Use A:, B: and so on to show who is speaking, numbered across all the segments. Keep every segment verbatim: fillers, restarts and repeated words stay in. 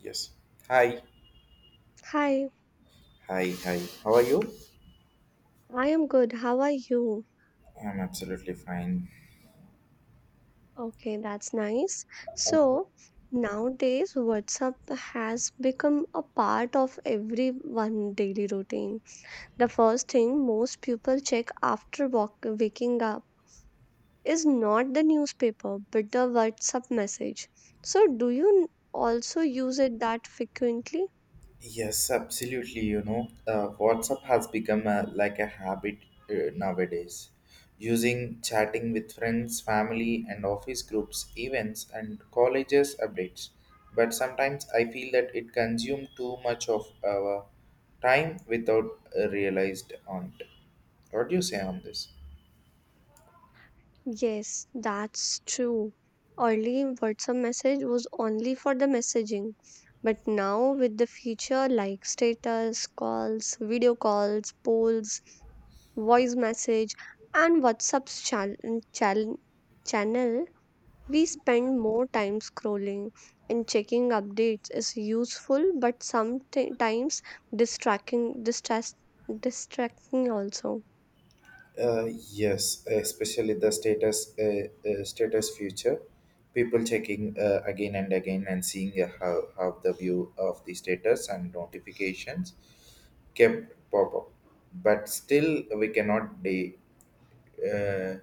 A: Yes. Hi,
B: Hi,
A: hi, hi. How are you?
B: I am good. How are you?
A: I'm absolutely fine.
B: Okay, that's nice.
A: Oh,
B: So, nowadays, WhatsApp has become a part of everyone's daily routine. The first thing most people check after walk- waking up is not the newspaper, but the WhatsApp message. So, do you also use it that frequently?
A: yes, absolutely. You know, uh, WhatsApp has become a, like a habit uh, nowadays. Using chatting with friends, family, and office groups, events, and colleges updates. But sometimes I feel that it consumes too much of our time without uh, realized on it. What do you say on this?
B: Yes, that's true. Early WhatsApp message was only for the messaging, but now with the feature like status, calls, video calls, polls, voice message, and WhatsApp's chal- mm, chal- channel, we spend more time scrolling and checking updates is useful but sometimes distracting distress distracting also.
A: Uh, yes, especially the status uh, uh, status future, people checking uh, again and again and seeing uh, how how the view of the status and notifications kept pop up, but still we cannot de- uh,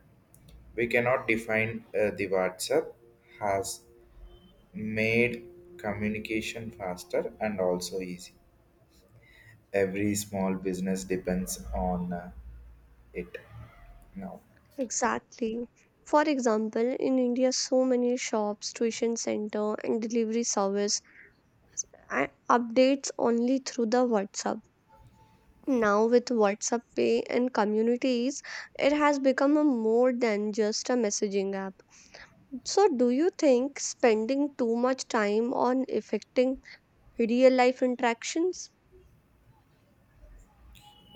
A: we cannot define uh, the WhatsApp has made communication faster and also easy. Every small business depends on uh, it now.
B: Exactly. For example, in India, so many shops, tuition center, and delivery service a- updates only through the WhatsApp. Now, with WhatsApp Pay and communities, it has become a more than just a messaging app. So, do you think spending too much time on affecting real life interactions?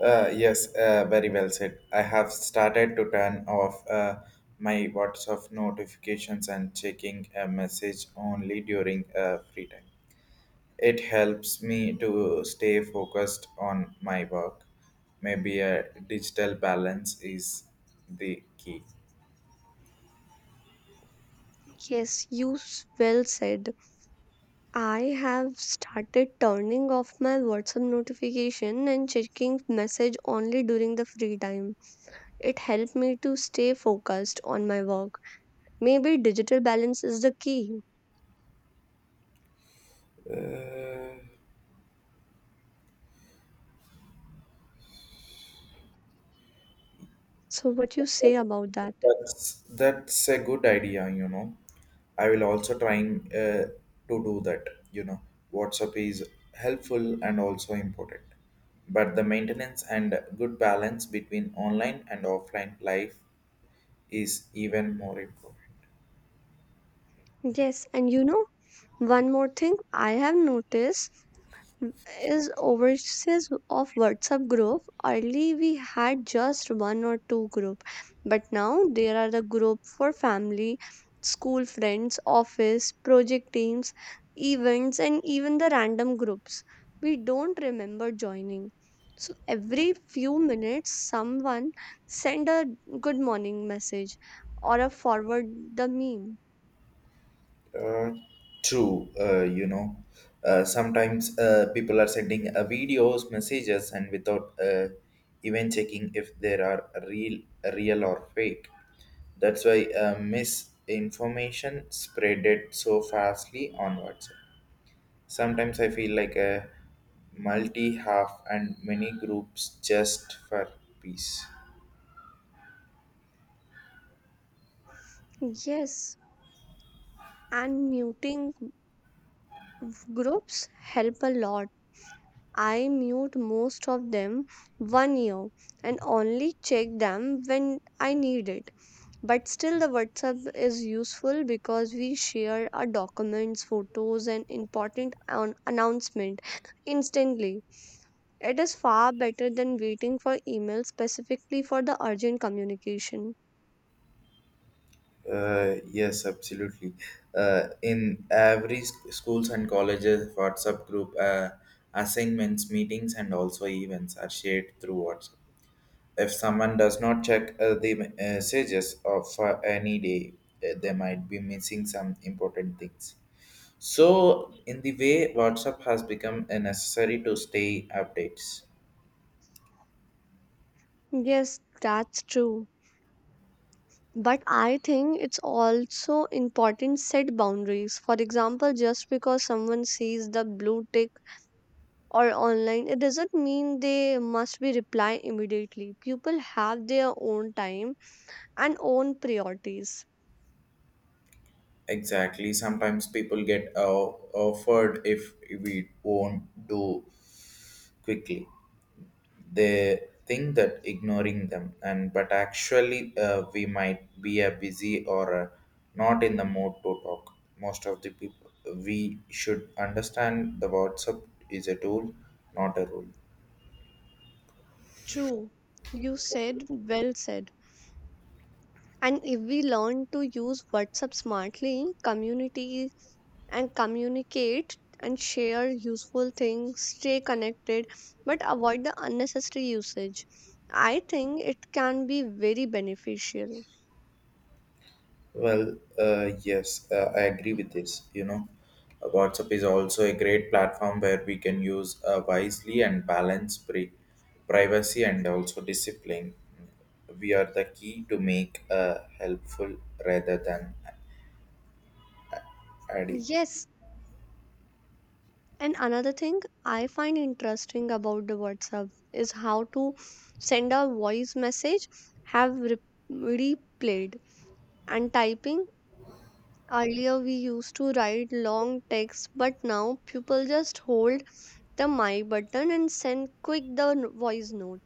A: Uh, yes, uh, Very well said. I have started to turn off uh, my WhatsApp notifications and checking a message only during uh, free time. It helps me to stay focused on my work. Maybe a digital balance is the key.
B: Yes, you s- well said. I have started turning off my WhatsApp notification and checking message only during the free time. It helped me to stay focused on my work. Maybe digital balance is the key.
A: Uh,
B: So what you say about that?
A: That's that's a good idea, you know. I will also trying uh, to do that. You know, WhatsApp is helpful and also important, but the maintenance and good balance between online and offline life is even more important.
B: Yes, and you know, one more thing I have noticed is overseas of WhatsApp group. Early we had just one or two group, but now there are the group for family, school friends, office, project teams, events, and even the random groups we don't remember joining. So every few minutes, someone send a good morning message or a forward the meme.
A: Uh, True, uh, you know, uh, sometimes uh, people are sending uh, videos, messages, and without uh, even checking if there are real, real or fake. That's why uh, misinformation spreaded so fastly on WhatsApp. Sometimes I feel like a multi half and many groups just for peace.
B: Yes, and muting groups help a lot. I mute most of them one year and only check them when I need it. But still, the WhatsApp is useful because we share our documents, photos, and important an- announcement instantly. It is far better than waiting for email specifically for the urgent communication.
A: Uh, yes, absolutely. Uh, in every sc- schools and colleges, WhatsApp group uh, assignments, meetings, and also events are shared through WhatsApp. If someone does not check uh, the messages of uh, any day, uh, they might be missing some important things. So, in the way, WhatsApp has become a necessary to stay updates.
B: Yes, that's true. But I think it's also important set boundaries. For example, just because someone sees the blue tick or online, it doesn't mean they must be reply immediately. People have their own time and own priorities.
A: Exactly. Sometimes people get uh, offered if we won't do quickly. They think that ignoring them and but actually uh, we might be a busy or uh, not in the mood to talk most of the people we should understand the WhatsApp is a tool, not a rule.
B: True, you said well said. And if we learn to use WhatsApp smartly, community and communicate and share useful things, stay connected, but avoid the unnecessary usage. I think it can be very beneficial.
A: well uh, yes uh, I agree with this, you know. Uh, WhatsApp is also a great platform where we can use uh, wisely and balance pri- privacy and also discipline. We are the key to make uh, helpful rather than Addy.
B: Yes, and another thing I find interesting about the WhatsApp is how to send a voice message, have re- replayed, and typing. Earlier, we used to write long texts, but now people just hold the my button and send quick the n- voice note.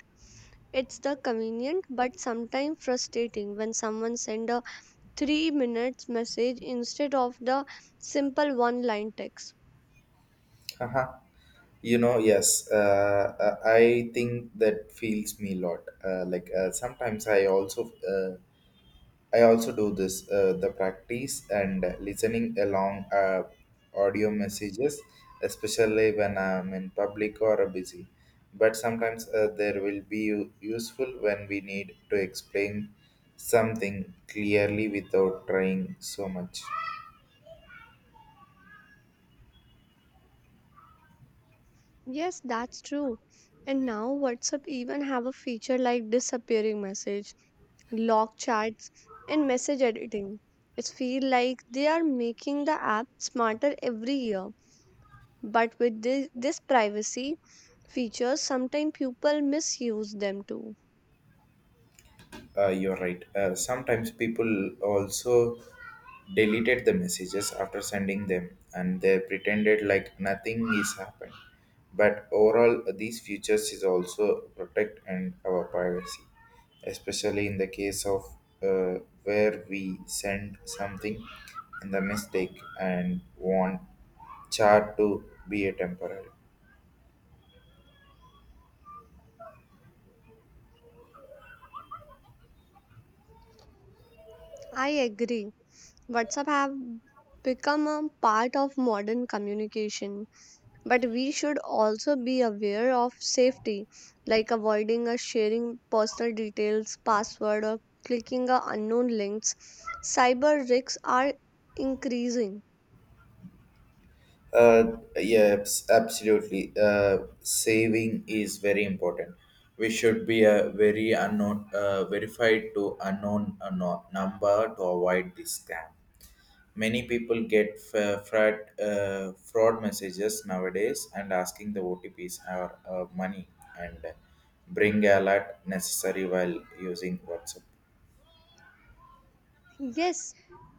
B: It's the convenient but sometimes frustrating when someone send a three minutes message instead of the simple one line text.
A: Haha. You know, yes, uh, uh, I think that feels me a lot. Uh, like uh, sometimes I also uh, I also do this uh, the practice and listening along uh, audio messages, especially when I'm in public or busy. But sometimes uh, there will be u- useful when we need to explain something clearly without trying so much.
B: Yes, that's true. And now WhatsApp even have a feature like disappearing message, lock chats, and message editing. It feel like they are making the app smarter every year. But with this, this privacy features, sometimes people misuse them too.
A: Uh, you're right. Uh, sometimes people also deleted the messages after sending them and they pretended like nothing is happened. But overall, these features is also protect and our privacy, especially in the case of uh, where we send something in the mistake and want chat to be a temporary.
B: I agree. WhatsApp have become a part of modern communication, but we should also be aware of safety like avoiding or sharing personal details, password, or clicking on unknown links. Cyber risks are increasing.
A: Uh, yeah, abs- absolutely. Uh, saving is very important. We should be a very unknown, uh, verified to unknown, unknown number to avoid this scam. Many people get f- uh, fraud, uh, fraud messages nowadays and asking the O T Ps or uh, money and bring alert necessary while using WhatsApp.
B: Yes,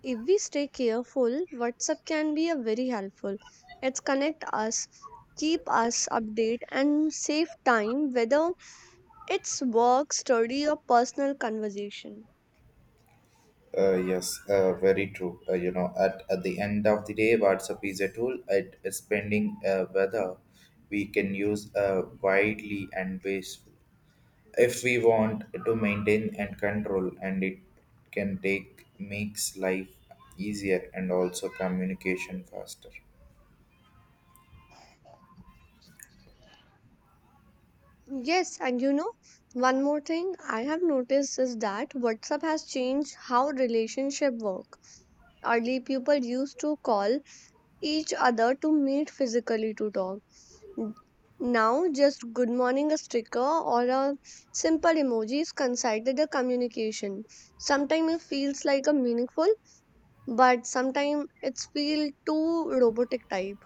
B: if we stay careful, WhatsApp can be a very helpful, it's connect us, keep us update, and save time whether it's work, study, or personal conversation.
A: Uh, yes, uh, Very true. Uh, you know, at, at the end of the day, WhatsApp is a tool at spending uh, whether we can use uh, widely and wasteful. If we want to maintain and control, and it can take makes life easier and also communication faster.
B: Yes, and you know, one more thing I have noticed is that WhatsApp has changed how relationship work. Early people used to call each other to meet physically to talk. N- Now just good morning a sticker or a simple emoji is considered a communication. Sometimes it feels like a meaningful, but sometimes it's feel too robotic type.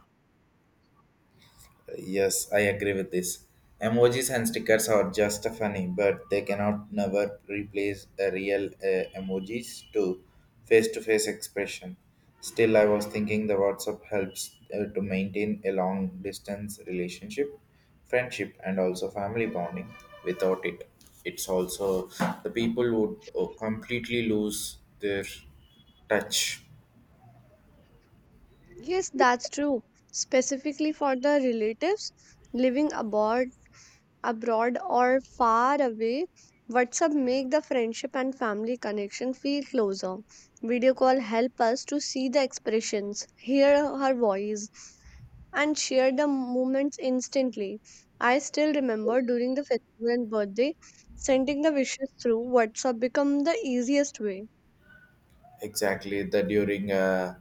A: Yes, I agree with this. Emojis and stickers are just funny, but they cannot never replace a real uh, emojis to face-to-face expression. Still, I was thinking the WhatsApp helps uh, to maintain a long-distance relationship, friendship, and also family bonding. Without it, it's also the people would uh, completely lose their touch.
B: Yes, that's true. Specifically for the relatives living abroad abroad or far away, WhatsApp make the friendship and family connection feel closer. Video call help us to see the expressions, hear her voice, and share the moments instantly. I still remember during the festival and birthday, sending the wishes through WhatsApp become the easiest way.
A: Exactly, the during a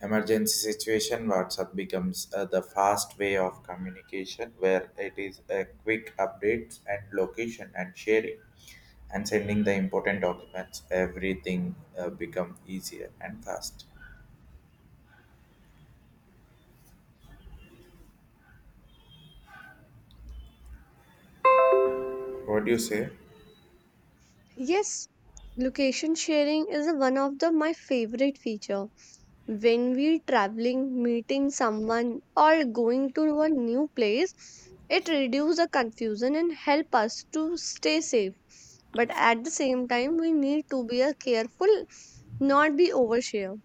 A: emergency situation, WhatsApp becomes uh, the fast way of communication where it is a quick updates and location and sharing and sending the important documents. Everything uh, become easier and fast. What do you say?
B: Yes, location sharing is one of the my favorite feature. When we traveling meeting someone or going to a new place, it reduces the confusion and help us to stay safe, but at the same time we need to be a careful, not be overshare.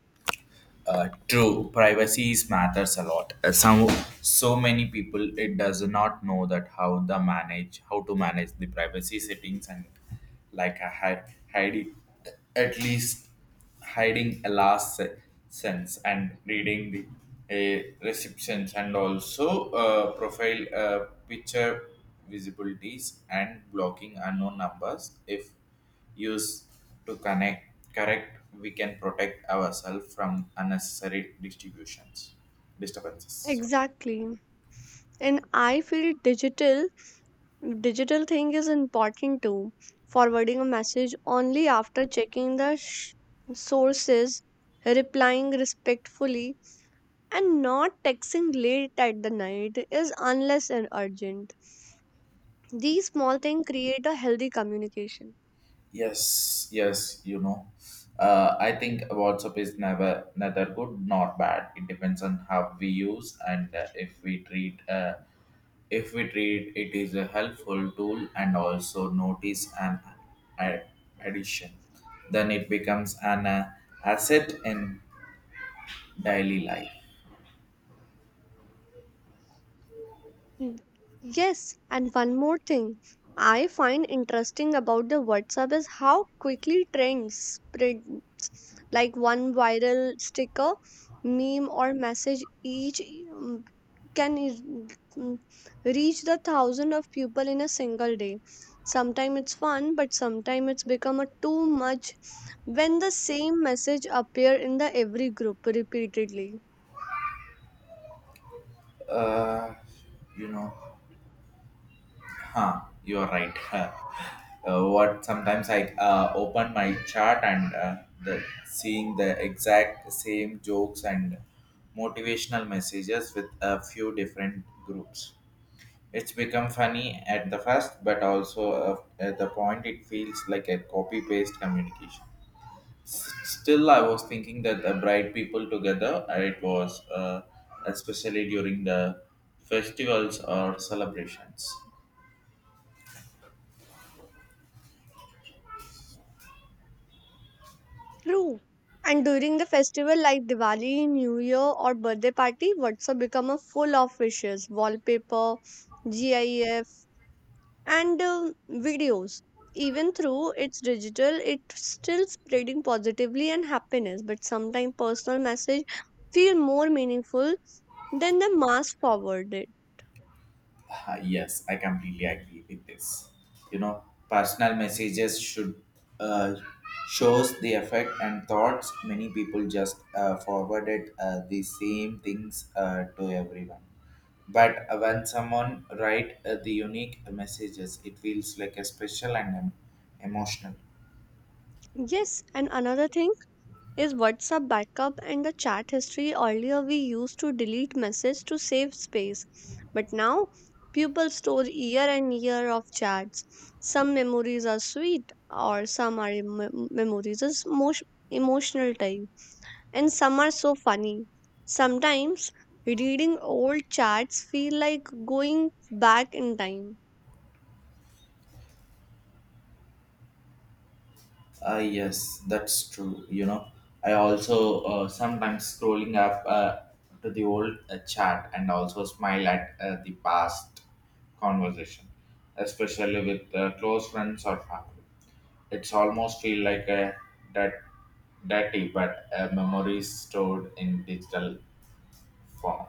A: Uh, true, privacy is matters a lot. Uh, Some so many people it does not know that how the manage how to manage the privacy settings and like a hide hiding at least hiding a last se- sense and reading the a receptions and also uh, profile uh, picture visibilities and blocking unknown numbers if use to connect correct we can protect ourselves from unnecessary distributions disturbances sorry.
B: Exactly. And I feel digital digital thing is important too, forwarding a message only after checking the sh- sources, replying respectfully. And not texting late at the night is unless and urgent. These small things create a healthy communication.
A: yes yes you know, uh, I think WhatsApp is never neither good nor bad, it depends on how we use and uh, if we treat uh, if we treat it is a helpful tool and also notice an ad- addition then it becomes an uh, asset in daily life.
B: Mm. Yes, and one more thing I find interesting about the WhatsApp is how quickly trends spread. Like one viral sticker, meme, or message each um, can is- mm, reach the thousand of people in a single day. Sometimes it's fun, but sometimes it's become a too much when the same message appear in the every group repeatedly.
A: uh, you know, huh, you are right. uh, what Sometimes I uh, open my chart and uh, the, seeing the exact same jokes and motivational messages with a few different groups. It's become funny at the first, but also uh, at the point it feels like a copy paste communication. Still, I was thinking that the bright people together, uh, it was uh, especially during the festivals or celebrations.
B: True. And during the festival like Diwali, New Year, or birthday party, WhatsApp become a full of wishes, wallpaper, GIF, and um videos. Even through it's digital, it's still spreading positively and happiness. But sometimes personal message feel more meaningful than the mass forwarded.
A: Ah, yes, I completely agree with this. You know, personal messages should uh, shows the effect and thoughts. Many people just uh, forwarded uh, the same things uh, to everyone. But uh, when someone write uh, the unique messages, it feels like a special and em- emotional.
B: Yes, and another thing is WhatsApp backup and the chat history. Earlier, we used to delete messages to save space, but now people store year and year of chats. Some memories are sweet, or some are em- memories is most emotional type, and some are so funny. Sometimes reading old chats feel like going back in time.
A: Uh, yes, that's true. You know, I also uh, sometimes scrolling up uh, to the old uh, chat and also smile at uh, the past conversation, especially with uh, close friends or family. It's almost feel like a that dirty, but a memory stored in digital form.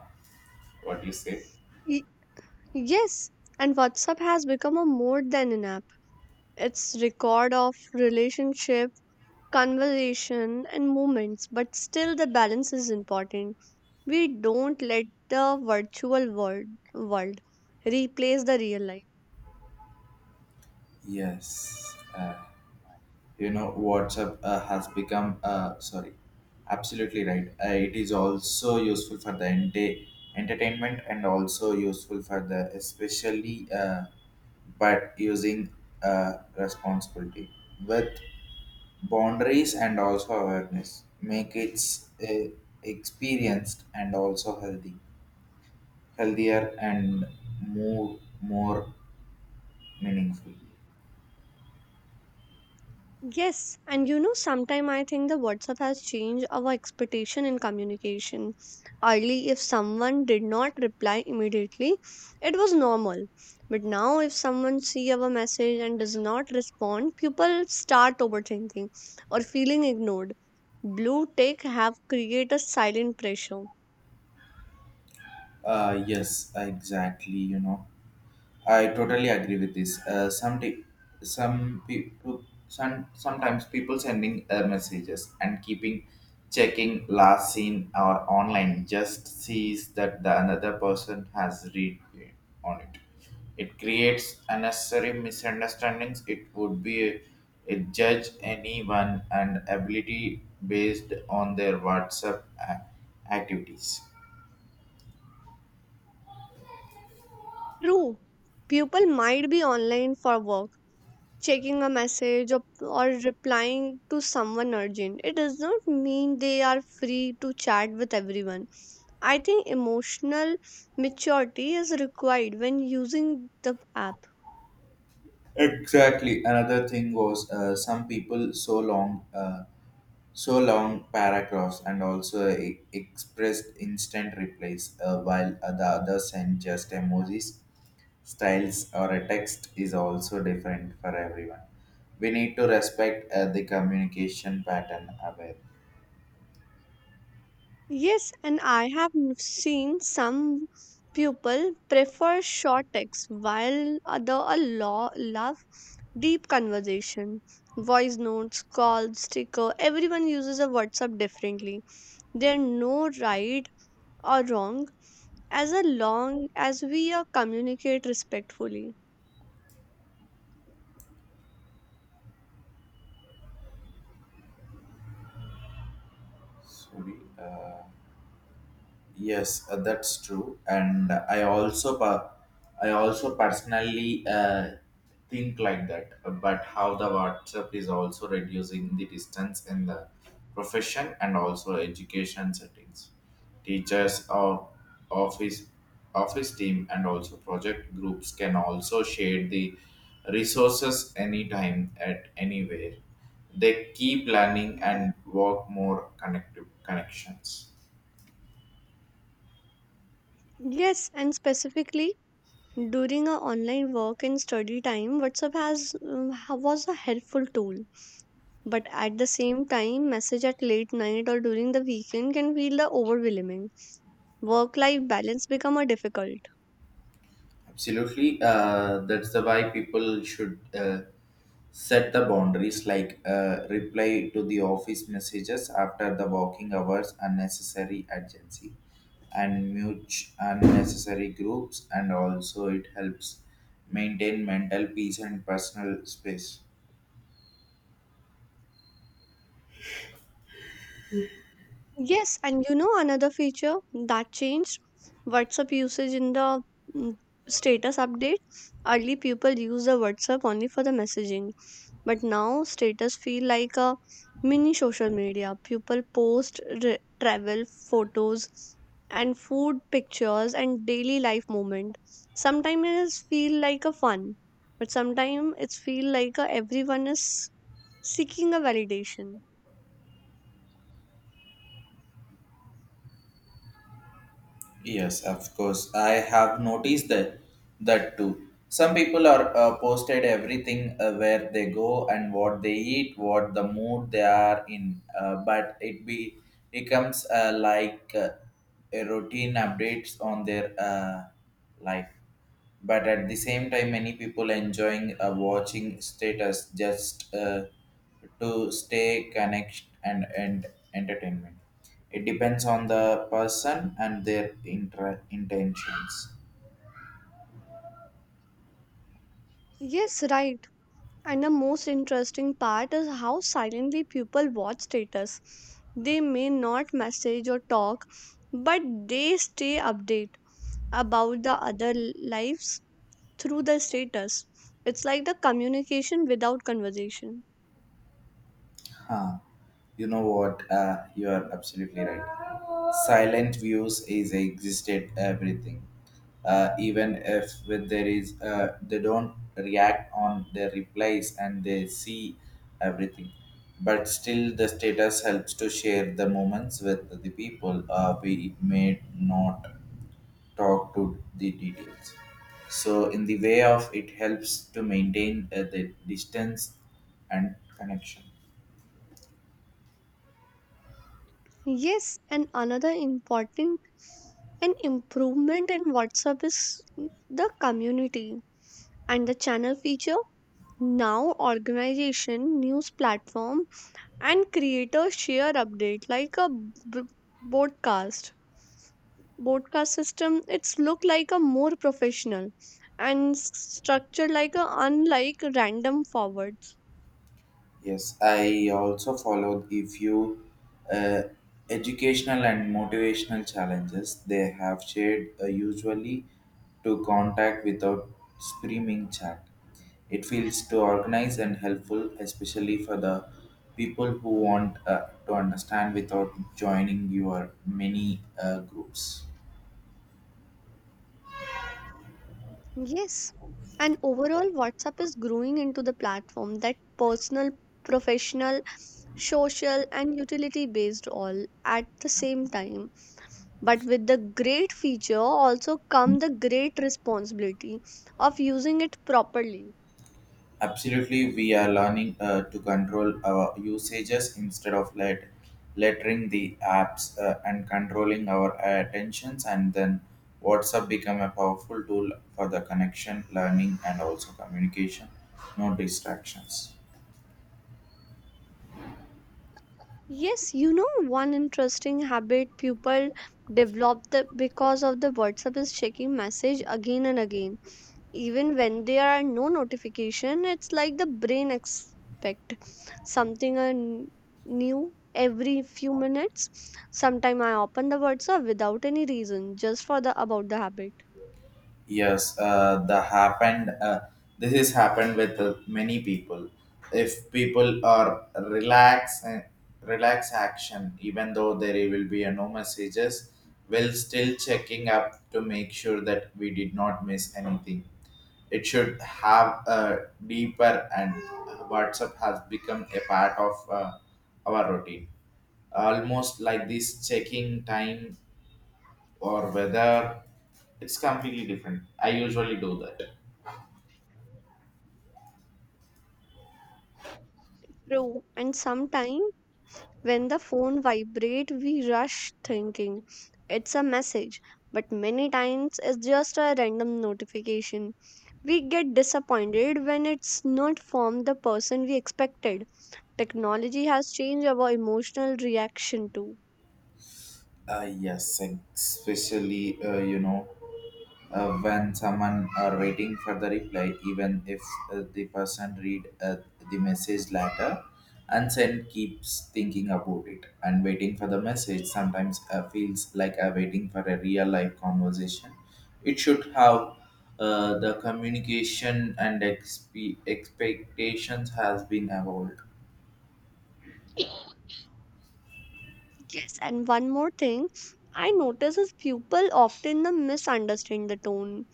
A: What do you say?
B: Y- yes, and WhatsApp has become a more than an app. It's record of relationship, conversation, and moments, but still the balance is important. We don't let the virtual world world replace the real life.
A: Yes, uh, you know WhatsApp uh, has become uh, sorry absolutely right. Uh, it is also useful for the ente- entertainment and also useful for the especially, uh, but using uh, responsibility with boundaries and also awareness make it uh, experienced and also healthy healthier and more more meaningful.
B: Yes, and you know, sometime I think the WhatsApp has changed our expectation in communication. Early, if someone did not reply immediately, it was normal. But now, if someone see our message and does not respond, people start overthinking or feeling ignored. Blue tech have created a silent pressure.
A: Uh yes exactly, you know, I totally agree with this. Uh, some di- some people some, sometimes people sending uh, messages and keeping checking last seen or online just sees that the another person has read it on it. It creates unnecessary misunderstandings. It would be a, a judge anyone and ability based on their WhatsApp a- activities.
B: True, people might be online for work, checking a message or, or replying to someone urgent. It does not mean they are free to chat with everyone. I think emotional maturity is required when using the app.
A: Exactly. Another thing was uh, some people so long, uh, so long paragraphs and also uh, e- expressed instant replies, uh, while uh, the other sent just emojis. Styles or a text is also different for everyone. We need to respect uh, the communication pattern aware.
B: Yes, and I have n- seen some people prefer short texts while other a lo- love deep conversation. Voice notes, calls, sticker, everyone uses a WhatsApp differently. There are no right or wrong as a long as we uh, communicate respectfully.
A: Sorry. Uh, Yes, uh, that's true. And I also, per- I also personally uh, think like that. But how the WhatsApp is also reducing the distance in the profession and also education settings, teachers or office office team and also project groups can also share the resources anytime at anywhere. They keep learning and work more connective connections.
B: Yes, and specifically during our online work and study time, WhatsApp has um, ha- was a helpful tool. But at the same time, message at late night or during the weekend can feel the overwhelming. Work-life balance become a difficult.
A: Absolutely. Uh, that's the why people should uh, set the boundaries like uh, reply to the office messages after the working hours, unnecessary urgency, and mute unnecessary groups. And also, it helps maintain mental peace and personal space.
B: Yes, and you know another feature that changed WhatsApp usage in the mm, status update. Early people use the WhatsApp only for the messaging. But now status feel like a mini social media. People post re- travel photos and food pictures and daily life moment. Sometimes it is feel like a fun, but sometimes it's feel like a everyone is seeking a validation.
A: Yes, of course. I have noticed that that too. Some people are uh, posted everything uh, where they go and what they eat, what the mood they are in. Uh, but it be Becomes uh, like uh, a routine updates on their uh, life, but at the same time many people enjoying uh, watching status just uh, to stay connected and, and entertainment. It depends on the person and their intra- intentions.
B: Yes, right. And the most interesting part is how silently people watch status. They may not message or talk, but they stay update about the other lives through the status. It's like the communication without conversation.
A: Huh. You know what? Uh, you are absolutely right. Silent views is existed everything. Uh, even if when there is, uh, they don't react on their replies and they see everything. But still, the status helps to share the moments with the people uh, we may not talk to the details. So, in the way of it helps to maintain uh, the distance and connection.
B: Yes, and another important an improvement in WhatsApp is the community and the channel feature. Now, organization, news platform, and creator share update like a b- broadcast. Broadcast system. It's look like a more professional and s- structured like a unlike random forwards.
A: Yes, I also followed a few uh, educational and motivational challenges they have shared uh, usually to contact without streaming chat. It feels to organize and helpful, especially for the people who want uh, to understand without joining your many uh, groups.
B: Yes. And overall, WhatsApp is growing into the platform that personal, professional, social, and utility based all at the same time. But with the great feature also come the great responsibility of using it properly.
A: Absolutely, we are learning uh, to control our usages instead of let lettering the apps uh, and controlling our attentions. And then WhatsApp become a powerful tool for the connection, learning, and also communication. No distractions.
B: Yes, you know, one interesting habit people develop the, because of the WhatsApp is checking message again and again even when there are no notification. It's like the brain expect something uh, n- new every few minutes. Sometimes I open the WhatsApp without any reason just for the about the habit.
A: Yes, uh, the happened. Uh, this is happened with uh, many people. If people are relax, uh, relax action, even though there will be a no messages, will still checking up to make sure that we did not miss anything. It should have a deeper and WhatsApp has become a part of uh, our routine. Almost like this checking time or whether it's completely different. I usually do that.
B: True, and sometimes when the phone vibrate we rush thinking it's a message, but many times it's just a random notification. We get disappointed when it's not from the person we expected. Technology has changed our emotional reaction too.
A: Uh, yes, especially uh, you know, uh, when someone are waiting for the reply, even if uh, the person read uh, the message later, and send keeps thinking about it and waiting for the message. Sometimes uh, feels like I'm waiting for a real life conversation. It should have uh, the communication and expe- expectations has been evolved.
B: Yes, and one more thing I notice is people often the misunderstand the tone.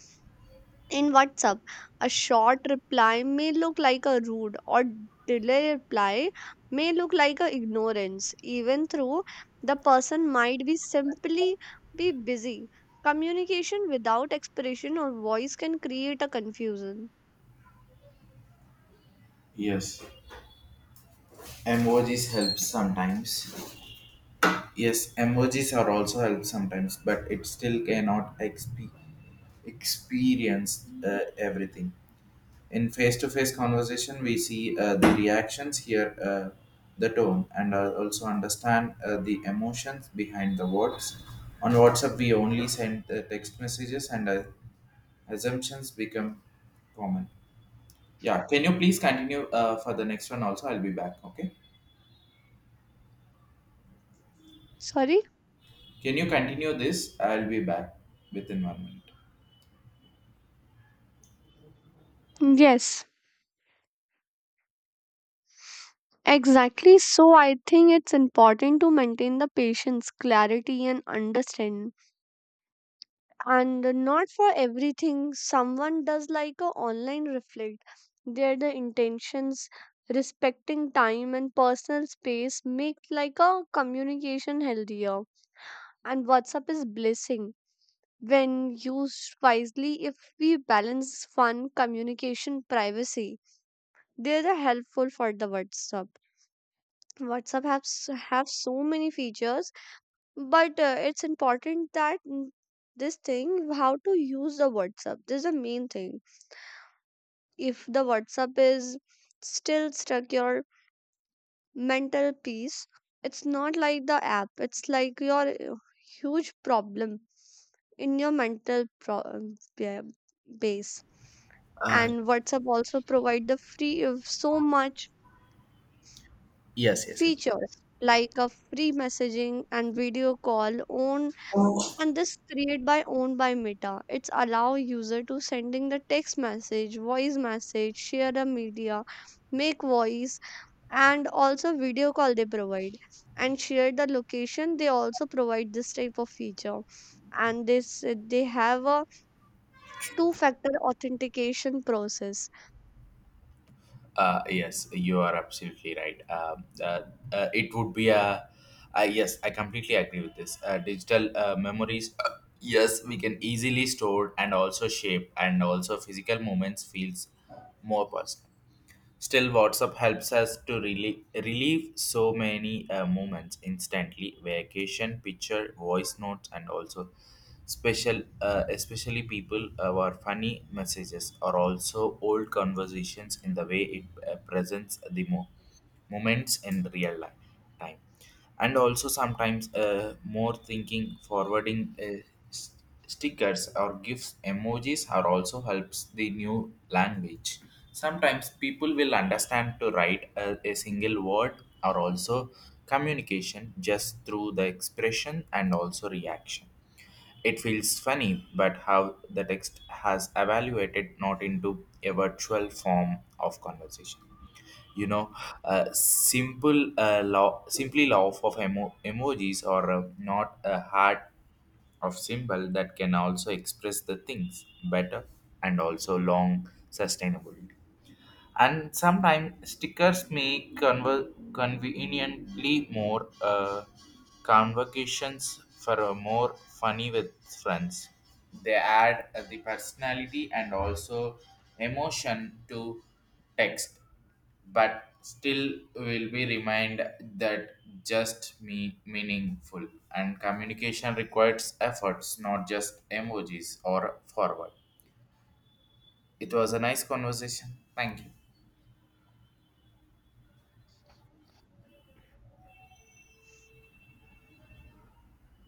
B: In WhatsApp, a short reply may look like a rude, or delay reply may look like a ignorance, even though the person might be simply be busy. Communication without expression or voice can create a confusion.
A: Yes, emojis help sometimes. Yes emojis are also help sometimes but it still cannot exp- experience uh, everything. In face-to-face conversation we see uh, the reactions, hear uh, the tone, and uh, also understand uh, the emotions behind the words. On WhatsApp we only send uh, text messages and uh, assumptions become common. Yeah, can you please continue uh, for the next one also, I'll be back, okay.
B: Sorry?
A: Can you continue this? I'll be back within one minute.
B: Yes, exactly. So I think it's important to maintain the patience, clarity, and understanding. And not for everything, someone does like a online reflect. There, the intentions, respecting time and personal space make like a communication healthier. And WhatsApp is blessing when used wisely. If we balance fun, communication, privacy, they're the helpful for the WhatsApp. WhatsApp has have so many features, but uh, it's important that n- this thing how to use the WhatsApp, this is the main thing. If the WhatsApp is still stuck your mental peace, it's not like the app, it's like your uh, huge problem in your mental pro- um, yeah, base.
A: Uh,
B: And WhatsApp also provide the free of so much
A: yes, yes,
B: features like a free messaging and video call on.
A: yes.
B: And this create by owned by Meta, it's allow user to sending the text message, voice message, share the media, make voice and also video call they provide, and share the location they also provide this type of feature. And this, they have a two factor authentication process.
A: Uh, yes, you are absolutely right. Um, uh, uh, it would be a, uh, Yes, I completely agree with this. Uh, digital uh, memories, uh, yes, we can easily store and also shape, and also physical moments feels more personal. Still, WhatsApp helps us to relieve, relieve so many uh, moments instantly: vacation, picture, voice notes, and also special, uh, especially people, uh, our funny messages or also old conversations. In the way it uh, presents the mo- moments in real life time, and also sometimes uh, more thinking forwarding. Uh, s- stickers or gifs emojis are also helps the new language. Sometimes people will understand to write a, a single word or also communication just through the expression and also reaction. It feels funny, but how the text has evaluated not into a virtual form of conversation, you know, uh, simple, uh, law simply law of emo- emojis or uh, not a hard of symbol that can also express the things better and also long sustainability. And sometimes stickers make conver- conveniently more uh, convocations for a more funny with friends. They add uh, the personality and also emotion to text. But still will be remind that just me meaningful and communication requires efforts, not just emojis or forward. It was a nice conversation. Thank you.